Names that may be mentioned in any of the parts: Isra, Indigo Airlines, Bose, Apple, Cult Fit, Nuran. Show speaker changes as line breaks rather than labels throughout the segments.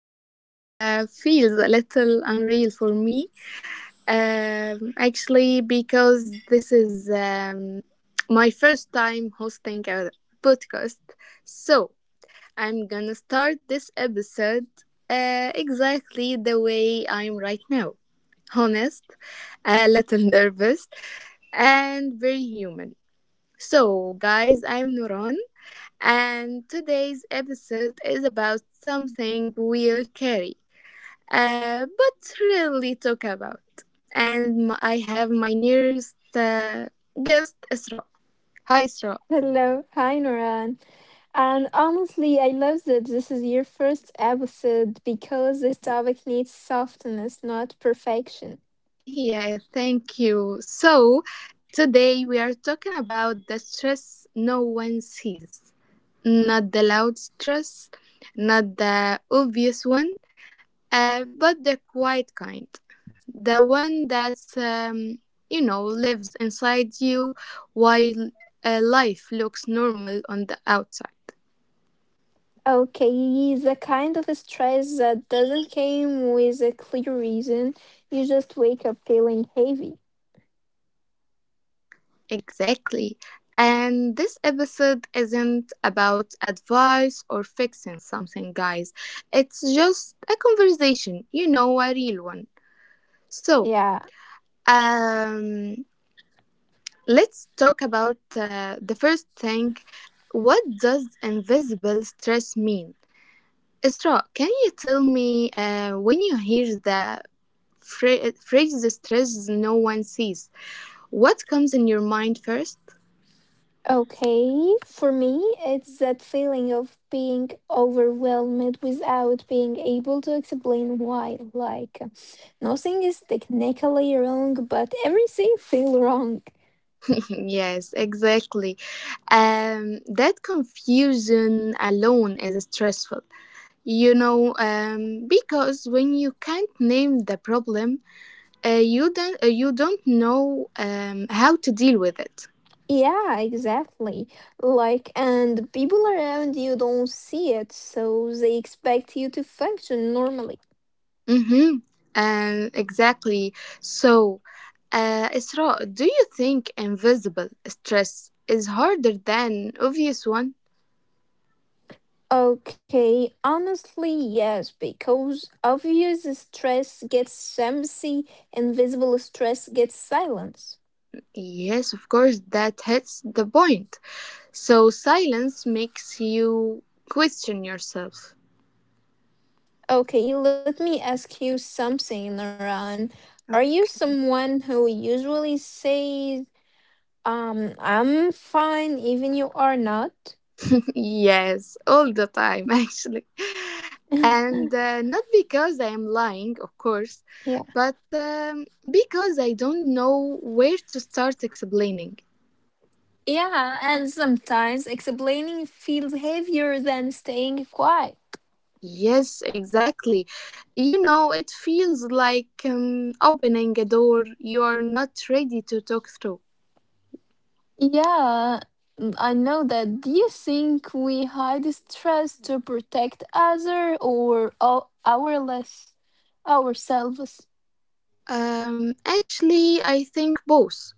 this feels a little unreal for me. Actually, because this is my first time hosting a podcast. So, I'm gonna start this episode exactly the way I'm right now, honest, a little nervous, and very human. So, guys, I'm Nuran and today's episode is about something we'll carry, but really talk about. And I have my nearest guest, Isra. Hi, Isra.
Hello. Hi, Noran. And honestly, I love that this is your first episode because this topic needs softness, not perfection.
Yeah, thank you. So, today we are talking about the stress no one sees, not the loud stress, not the obvious one, but the quiet kind, the one that's you know lives inside you while life looks normal on the outside.
Okay, the kind of stress that doesn't come with a clear reason. You just wake up feeling heavy.
Exactly, and this episode isn't about advice or fixing something, guys, it's just a conversation, you know, a real one. so
Yeah.
um let's talk about the first thing. What does invisible stress mean? Isra, can you tell me, when you hear the phrase "the stress no one sees," what comes in your mind first?
Okay. For me, it's that feeling of being overwhelmed without being able to explain why. Nothing is technically wrong, but everything feels wrong.
Yes, exactly. That confusion alone is stressful. Because when you can't name the problem, uh, you don't know how to deal with it.
Yeah, exactly. Like, and people around you don't see it, so they expect you to function normally.
Mm-hmm. And exactly. So, Isra, do you think invisible stress is harder than obvious one?
Okay, honestly, yes, because obvious stress gets empathy, invisible stress gets silence.
Yes, of course, that hits the point. So, silence makes you question yourself.
Okay, let me ask you something, Naran. Are you someone who usually says I'm fine, even you are not.
Yes, all the time, actually. And not because I am lying, of course,
Yeah.
but because I don't know where to start explaining.
Yeah, and sometimes explaining feels heavier than staying quiet.
Yes, exactly. You know, it feels like opening a door you're not ready to talk through.
Yeah, I know that. Do you think we hide stress to protect other or ourless ourselves?
Actually, I think both.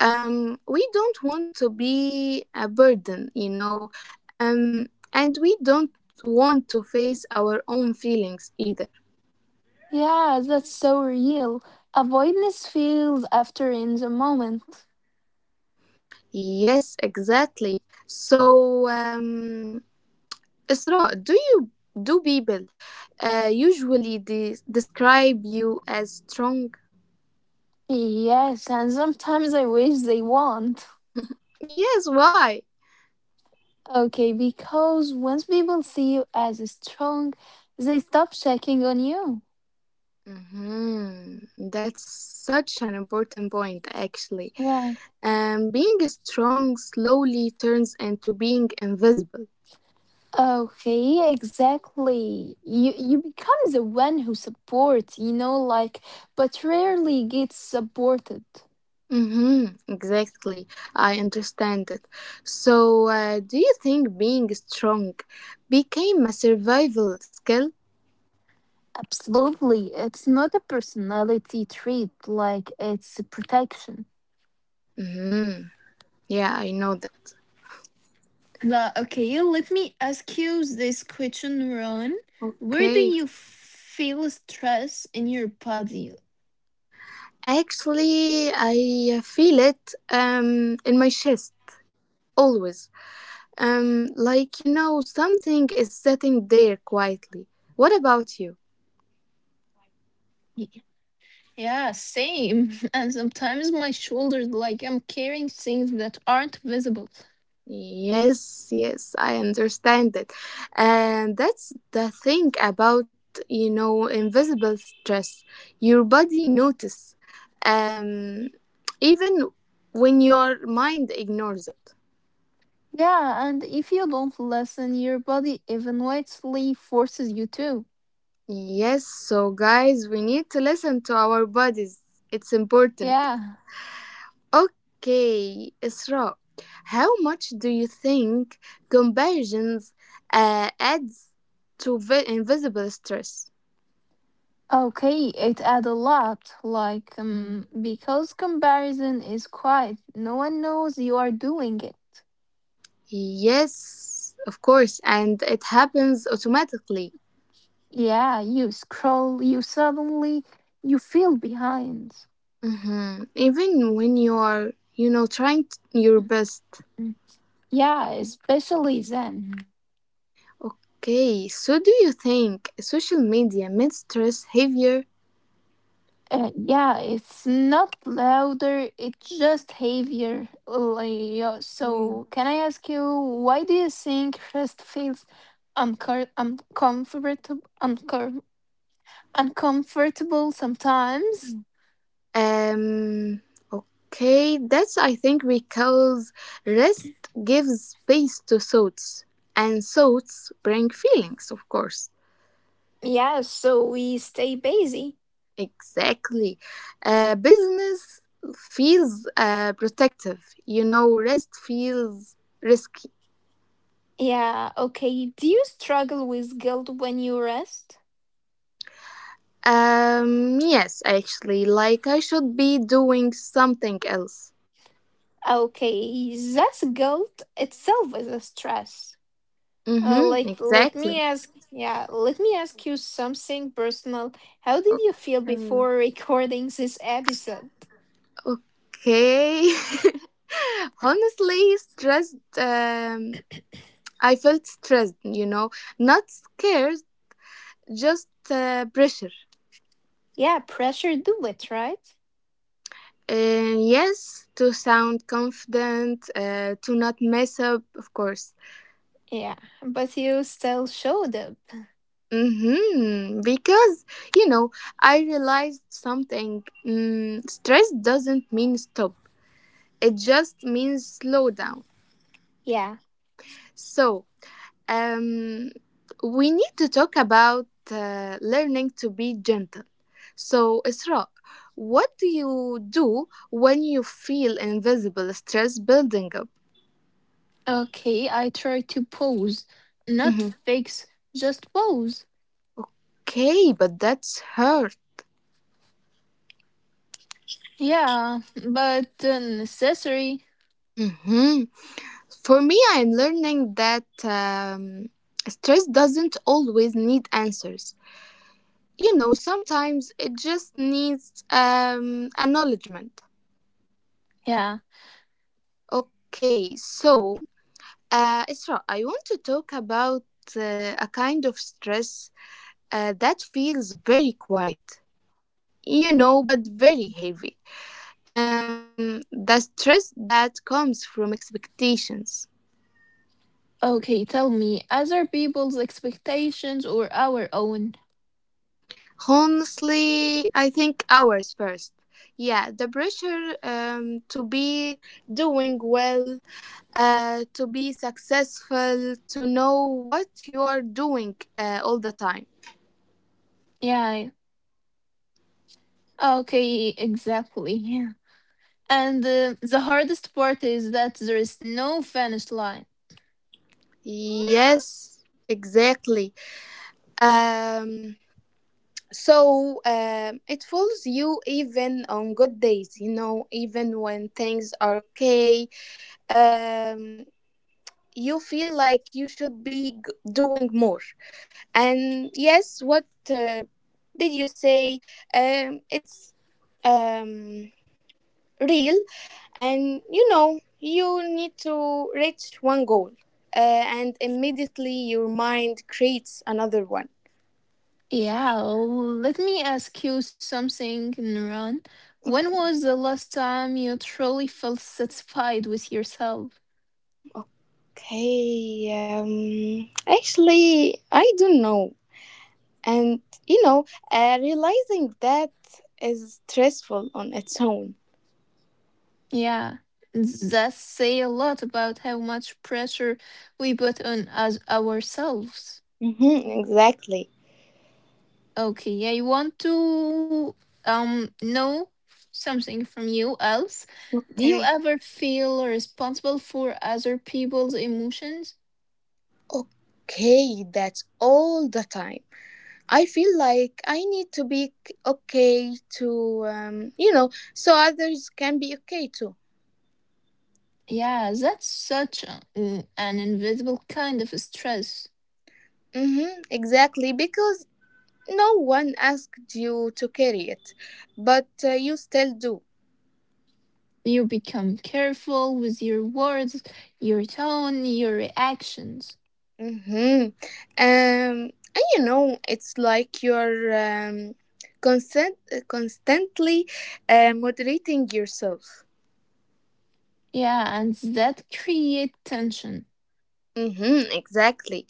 We don't want to be a burden, you know, and we don't want to face our own feelings either.
Yeah, that's so real. Avoidance feels after in the moment.
Yes, exactly. So, Isra, do people usually describe you as strong?
Yes, and sometimes I wish they won't.
Yes, why?
Okay, because once people see you as strong, they stop checking on you.
Hmm, that's such an important point, actually.
Yeah.
Being strong slowly turns into being invisible.
Okay, exactly. You become the one who supports, like, but rarely gets supported.
Hmm, exactly. I understand it. So, do you think being strong became a survival skill?
Absolutely. It's not a personality trait, like it's a protection.
Hmm, yeah, I know that.
La, okay, let me ask you this question, Ron. Where do
Okay.
you feel stress in your body?
Actually, I feel it in my chest always. Like, you know, something is sitting there quietly. What about you?
Yeah, same. And sometimes my shoulders, like I'm carrying things that aren't visible.
Yes, yes, I understand it. And that's the thing about, you know, invisible stress. Your body notices, um, even when your mind ignores it.
Yeah, and if you don't listen, your body eventually forces you to.
Yes, so guys, we need to listen to our bodies. It's important.
Yeah.
Okay, Isra, how much do you think comparisons adds to invisible stress?
Okay, it adds a lot.
Mm.
Because comparison is quiet, no one knows you are doing it.
Yes, of course, and it happens automatically.
Yeah, you scroll, you suddenly, you feel behind.
Mhm. Even when you are, you know, trying your best.
Mm. Yeah, especially then.
Okay, so do you think social media made stress heavier?
Yeah, it's not louder, it's just heavier. Can I ask you, why do you think rest feels uncomfortable, uncomfortable sometimes?
Um, okay, that's, I think, because rest gives space to thoughts, and thoughts bring feelings, of course.
Yeah, so we stay busy.
Exactly. Business feels protective, you know, rest feels risky.
Yeah, okay. Do you struggle with guilt when you rest?
Yes, actually, like I should be doing something else.
Okay, that's guilt itself is a stress.
Mm-hmm, exactly.
Let me ask you something personal. How did you feel before recording this episode?
Okay. Honestly, stressed. I felt stressed, you know, not scared, just pressure.
Yeah, pressure do it, right?
Yes, to sound confident, to not mess up, of course.
Yeah, but you still showed up.
Mm-hmm. Because, you know, I realized something. Mm, stress doesn't mean stop, it just means slow down.
Yeah.
So, Um, we need to talk about learning to be gentle. So, Isra, what do you do when you feel invisible stress building up?
Okay, I tried to pose, not
Mhm.
fix, just pose.
Okay, but that's hurt.
Yeah, but necessary.
Hmm. For me, I'm learning that um, stress doesn't always need answers. You know, sometimes it just needs acknowledgement.
Yeah.
Okay, so Isra, I want to talk about a kind of stress that feels very quiet, you know, but very heavy. The stress that comes from expectations.
Okay, tell me, other people's expectations or our own?
Honestly, I think ours first. Yeah, the pressure to be doing well, to be successful, to know what you are doing all the time.
Yeah, okay, exactly. And the hardest part is that there is no finish line.
Yes, exactly. Um, so, it fools you even on good days, you know, even when things are okay. Um, you feel like you should be doing more. And yes, what did you say? It's um, real, and you know, you need to reach one goal, and immediately your mind creates another one.
Yeah, let me ask you something, Nuran. When was the last time you truly felt satisfied with yourself?
Okay, actually, I don't know. And, you know, realizing that is stressful on its own.
Yeah, that say a lot about how much pressure we put on us ourselves.
Mm-hmm, exactly.
Okay, I want to know something from you else. Do you
Okay.
ever feel responsible for other people's emotions?
Okay, that's all the time. I feel like I need to be okay to, so others can be okay too.
Yeah, that's such an invisible kind of stress.
Mm-hmm, exactly, because no one asked you to carry it, but you still do.
You become careful with your words, your tone, your reactions.
Mm-hmm. And you know, it's like you're constantly moderating yourself.
Yeah, and that create tension.
Mm-hmm, exactly.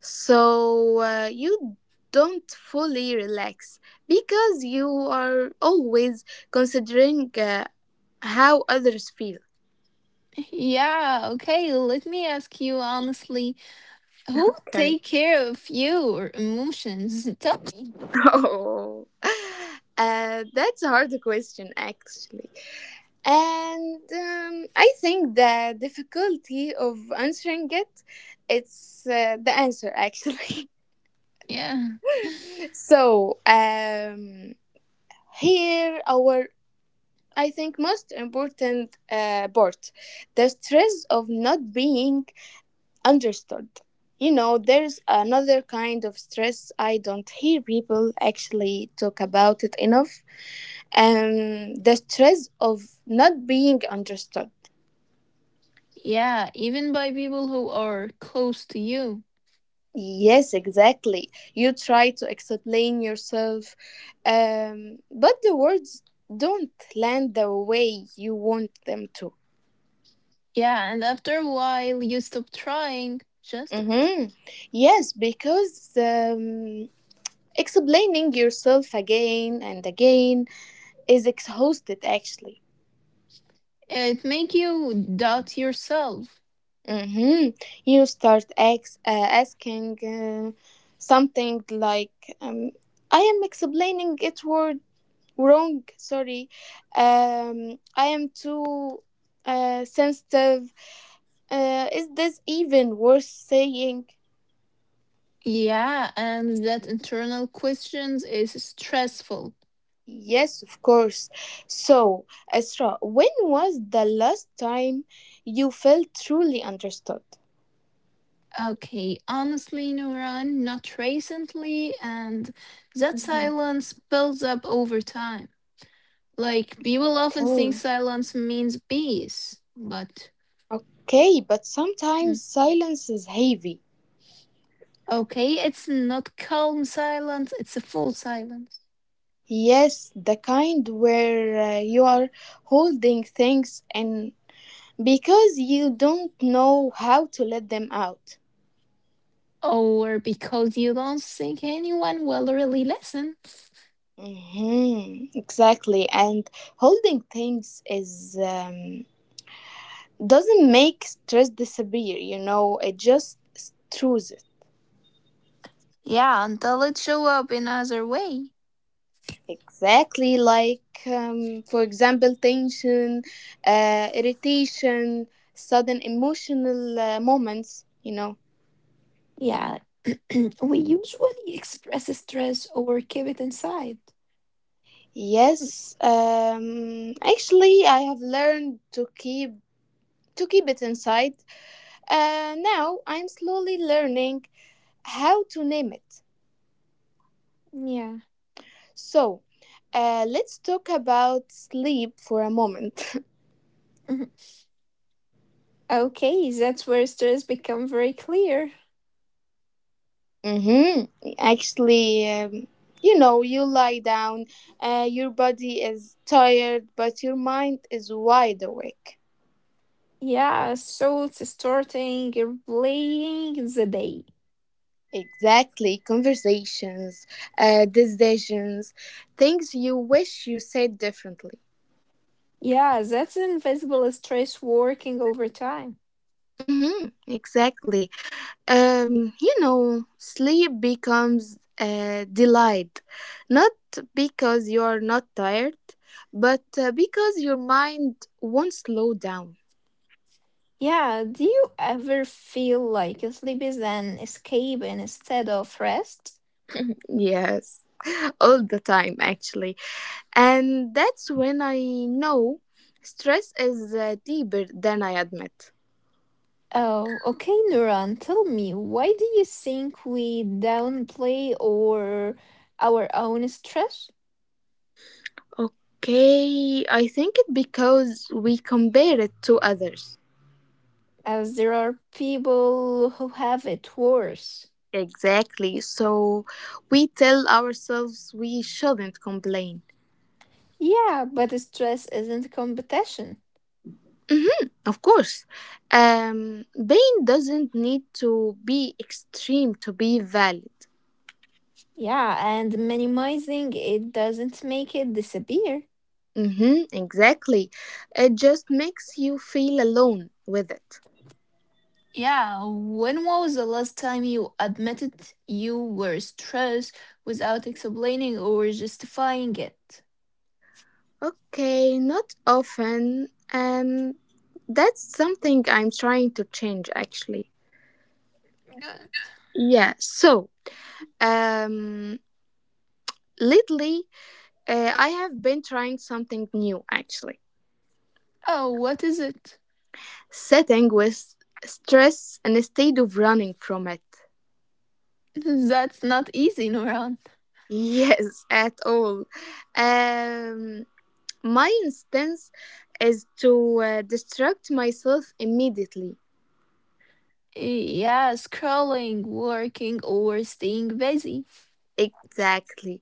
So you don't fully relax because you are always considering how others feel.
Yeah, okay, let me ask you honestly, who
Okay.
take care of your emotions? Tell me.
Oh, that's a hard question, actually. And I think the difficulty of answering it, it's the answer, actually.
Yeah.
so um, here our I think most important part, the stress of not being understood. You know, there's another kind of stress I don't hear people actually talk about it enough. The stress of not being understood.
Yeah, even by people who are close to you.
Yes, exactly. You try to explain yourself, but the words don't land the way you want them to.
Yeah, and after a while you stop trying. Just it.
Mm-hmm. Yes, because explaining yourself again and again is exhausted, actually.
It make you doubt yourself.
Mm-hmm. You start asking something like, um, I am explaining it word wrong, sorry. I am too sensitive. Is this even worth saying?
Yeah, and that internal questions is stressful.
Yes, of course. So Esra, when was the last time you felt truly understood?
Okay, honestly, Nuran, not recently, and
Mhm.
that silence builds up over time. Like people often
Okay.
think silence means peace, but
Okay, but
mm,
sometimes silence is heavy.
okay, it's not calm silence, it's a full silence.
Yes, the kind where you are holding things and because you don't know how to let them out.
Or because you don't think anyone will really listen.
Hmm, exactly. And holding things is, doesn't make stress disappear, you know, it just throws it.
Yeah, until it show up in other way.
Exactly. Like, for example, tension, irritation, sudden emotional moments, you know.
Yeah, we usually express stress or keep it inside. Mm,
Yes, actually, I have learned to keep it inside. Now I'm slowly learning how to name it.
yeah.
So, let's talk about sleep for a moment.
Mhm. Okay, that's where stress become very clear.
Mm-hmm. Actually, you know, you lie down, your body is tired, but your mind is wide awake.
Yeah, so it's starting replaying the day.
Exactly. Conversations, decisions, things you wish you said differently.
Yeah, that's invisible stress working over time.
Mm-hmm. Exactly. You know, sleep becomes a delight, not because you're not tired, but because your mind won't slow down.
Yeah, do you ever feel like sleep is an escape instead of rest?
Yes, all the time, actually. And that's when I know stress is deeper than I admit.
Oh, okay, Nuran, tell me, why do you think we downplay or our own stress?
Okay, I think it because we compare it to others.
As there are people who have it worse.
Exactly. So we tell ourselves we shouldn't complain.
Yeah, but stress isn't competition.
Of course, pain doesn't need to be extreme to be valid.
Yeah, and minimizing it doesn't make it disappear.
Mm-hmm, exactly. It just makes you feel alone with it.
Yeah, when was the last time you admitted you were stressed without explaining or justifying it?
Okay, not often. That's something I'm trying to change, actually.
Good.
Yeah, so um, lately I have been trying something new, actually,
Oh, what is it?
sitting with stress instead of running from it.
That's not easy, Nuran.
Yes, at all. Um, my instance is to distract myself immediately.
Yeah, scrolling, working, or staying busy.
Exactly.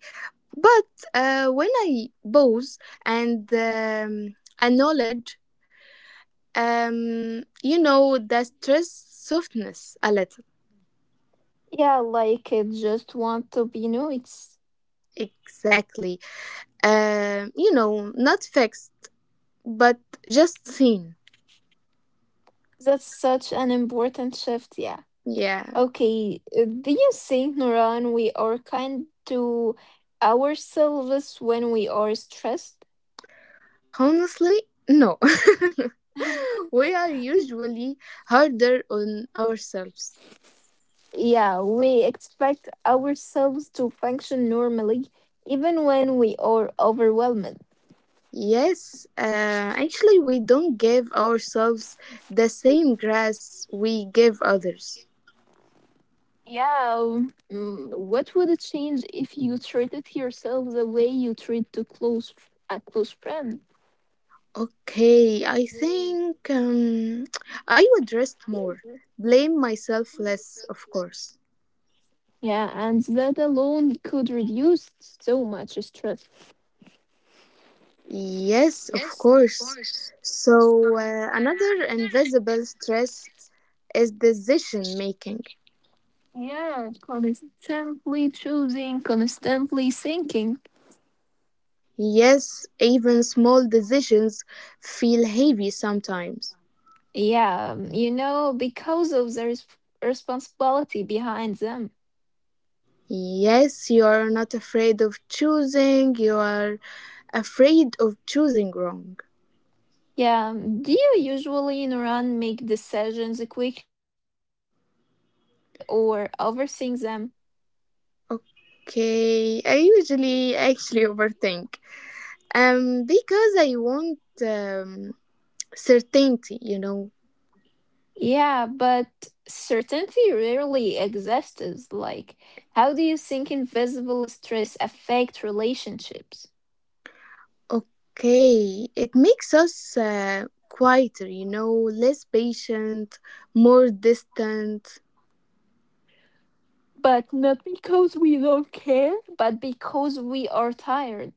But when I pause and acknowledge, the stress softness a little.
Yeah, like it just want to be noticed.
Exactly. You know, not fixed, but just seen.
That's such an important shift, yeah.
Yeah.
Okay, do you think, Nuran, we are kind to ourselves when we are stressed?
Honestly, no. We are usually harder on ourselves.
Yeah, we expect ourselves to function normally, even when we are overwhelmed.
Yes, actually, we don't give ourselves the same grace we give others.
Yeah, what would it change if you treated yourself the way you treat to close a close friend?
Okay, I think I would rest more, blame myself less, of course.
Yeah, and that alone could reduce so much stress.
Yes, of course. So, another invisible stress is decision making.
Yeah, constantly choosing, constantly thinking.
Yes, even small decisions feel heavy sometimes.
Yeah, you know, because of the responsibility behind them.
Yes, you are not afraid of choosing, you are afraid of choosing wrong.
Yeah, do you usually in Iran make decisions quickly or overthink them?
Okay, I usually actually overthink. Because I want um, certainty, you know.
Yeah, but certainty rarely exists. Like, how do you think invisible stress affect relationships?
Okay, it makes us quieter, you know, less patient, more distant.
But not because we don't care, but because we are tired.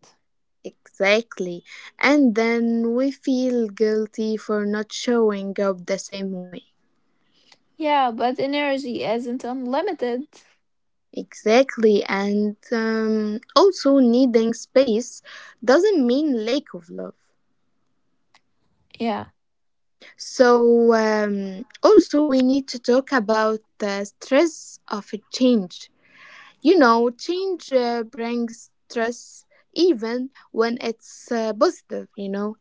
Exactly. And then we feel guilty for not showing up the same way.
Yeah, but energy isn't unlimited.
Exactly. And also, needing space doesn't mean lack of love.
Yeah.
So, also, we need to talk about the stress of a change. You know, change brings stress even when it's positive, you know.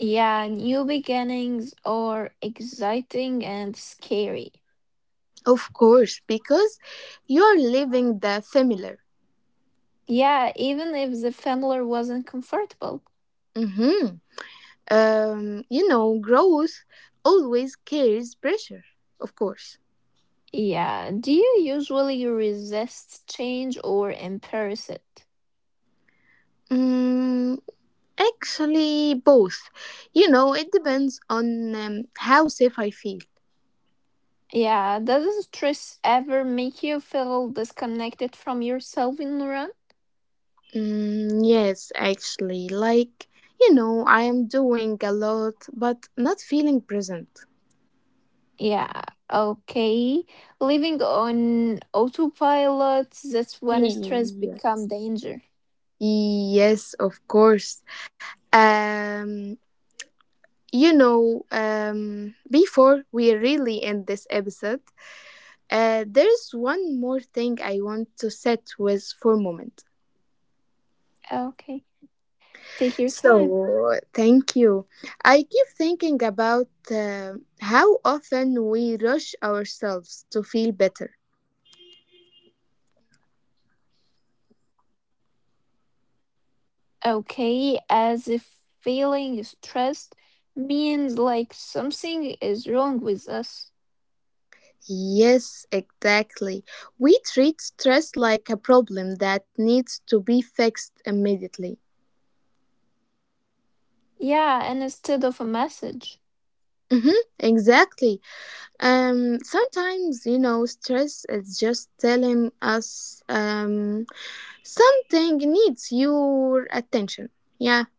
Yeah, new beginnings are exciting and scary.
Of course, because you're leaving the familiar.
Yeah, even if the familiar wasn't comfortable.
Mm-hmm. You know, growth always carries pressure, of course.
Yeah, do you usually resist change or embrace it?
Mm, actually, both. You know, it depends on how safe I feel.
Yeah, does stress ever make you feel disconnected from yourself in the run?
Mm, yes, actually, like, you know, I am doing a lot, but not feeling present.
Yeah, okay. Living on autopilot, that's when stress
Yeah.
become danger.
Yes, of course. Um, before we really end this episode, there's one more thing I want to sit with for a moment.
Okay, take your time.
So, thank you. I keep thinking about how often we rush ourselves to feel better.
Okay, as if feeling stressed means like something is wrong with us.
Yes, exactly. We treat stress like a problem that needs to be fixed immediately.
Yeah, and instead of a message.
Mm-hmm, exactly. Sometimes, you know, stress is just telling us something needs your attention. Yeah.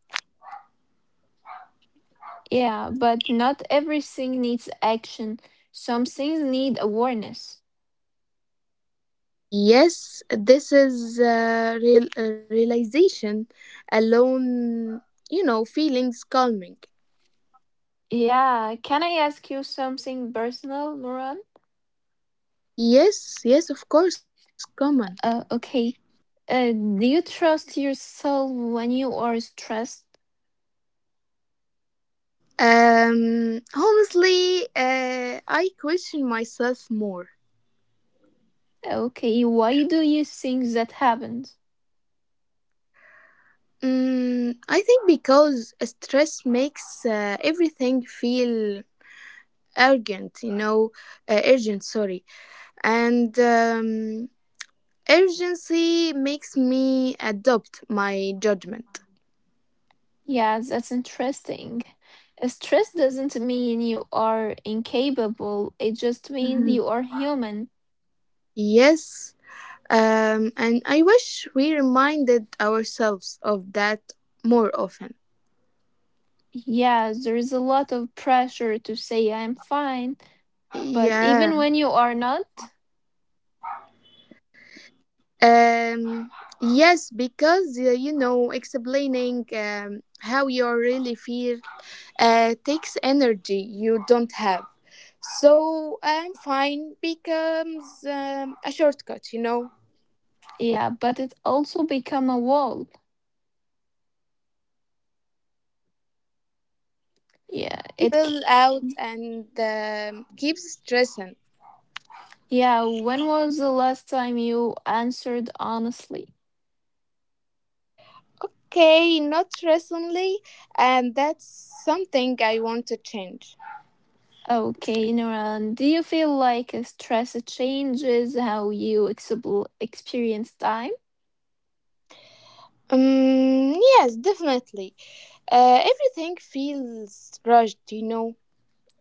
Yeah, but not everything needs action. Some things need awareness.
Yes, this is realization alone, you know, feelings calming.
Yeah, can I ask you something personal, Moran?
Yes, yes, of course, common.
Okay. Do you trust yourself when you are stressed?
Honestly, I question myself more.
Okay, why do you think that happens?
Mm, I think because stress makes everything feel urgent, you know, urgent, sorry. And urgency makes me adopt my judgment.
Yeah, that's interesting. Stress doesn't mean you are incapable, it just means
Mhm.
you are human.
Yes, and I wish we reminded ourselves of that more often.
Yeah, there is a lot of pressure to say I'm fine, but even
Yeah.
when you are not,
Um, yes, because you know, explaining how you really feel takes energy you don't have. So I'm fine becomes a shortcut, you know.
yeah, but it also become a wall.
Yes, it keeps
Yeah, it c-
people out and keeps stressing.
yeah, when was the last time you answered honestly?
Okay, not recently, and that's something I want to change.
Okay, Nuran, do you feel like stress changes how you experience time?
Yes, definitely. Everything feels rushed, you know.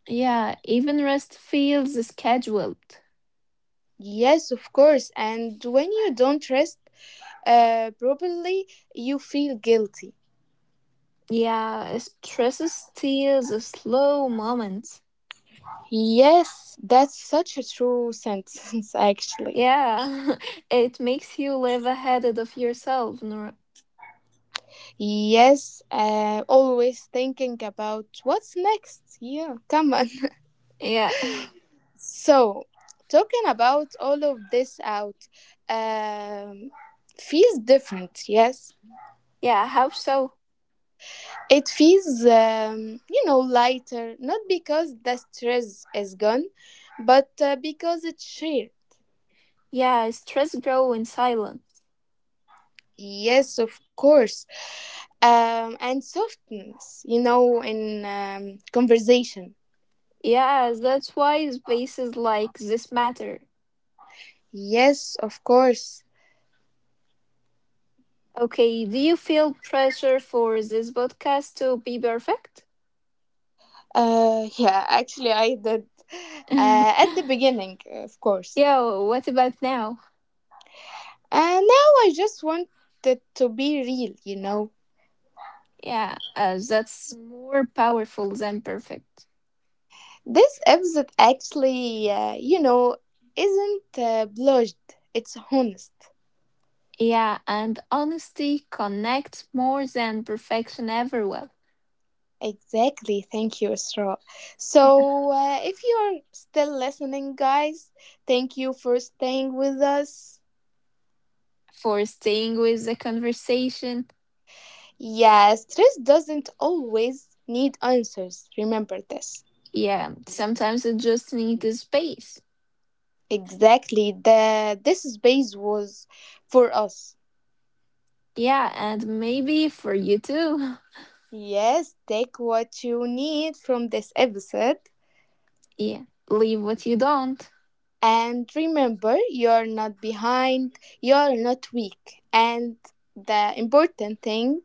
Yeah, even rest feels scheduled.
Yes, of course. And when you don't rest properly, you feel guilty.
Yeah, stress steals the slow moments.
Yes, that's such a true sentence, actually.
Yeah, it makes you live ahead of yourself. Nora.
Yes, always thinking about what's next. Yeah, come on.
Yeah,
So, talking about all of this out um, feels different, yes?
yeah, how so?
It feels, you know, lighter, not because the stress is gone, but because it's shared.
Yeah, stress grow in silence.
Yes, of course. And softness, you know, in conversation.
Yeah, that's why spaces like this matter.
Yes, of course.
Okay, do you feel pressure for this podcast to be perfect?
Yeah, actually, I did. At the beginning, of course.
Yo, what about now?
And now I just wanted to be real, you know.
Yeah, that's more powerful than perfect.
This episode actually, isn't blushed. It's honest.
Yeah, and honesty connects more than perfection ever will.
Exactly. Thank you, Isra.
Yeah.
So, if you're still listening, guys, thank you for staying with us.
For staying with the conversation,
Yeah, stress doesn't always need answers. Remember this.
yeah, sometimes you just need the space.
Exactly. The this space was for us.
Yeah, and maybe for you too.
Yes, take what you need from this episode
Yeah, leave what you don't.
and remember you're not behind, you're not weak. And the important thing,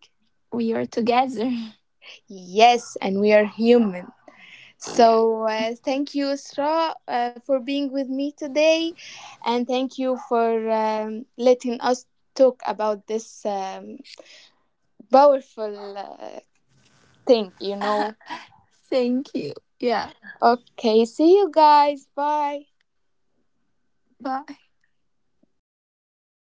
We are together.
yes, and we are human.
Yeah,
So thank you, Isra, for being with me today, and thank you for letting us talk about this powerful thing. You know.
thank you. Yeah,
Okay, see you guys. Bye.
bye.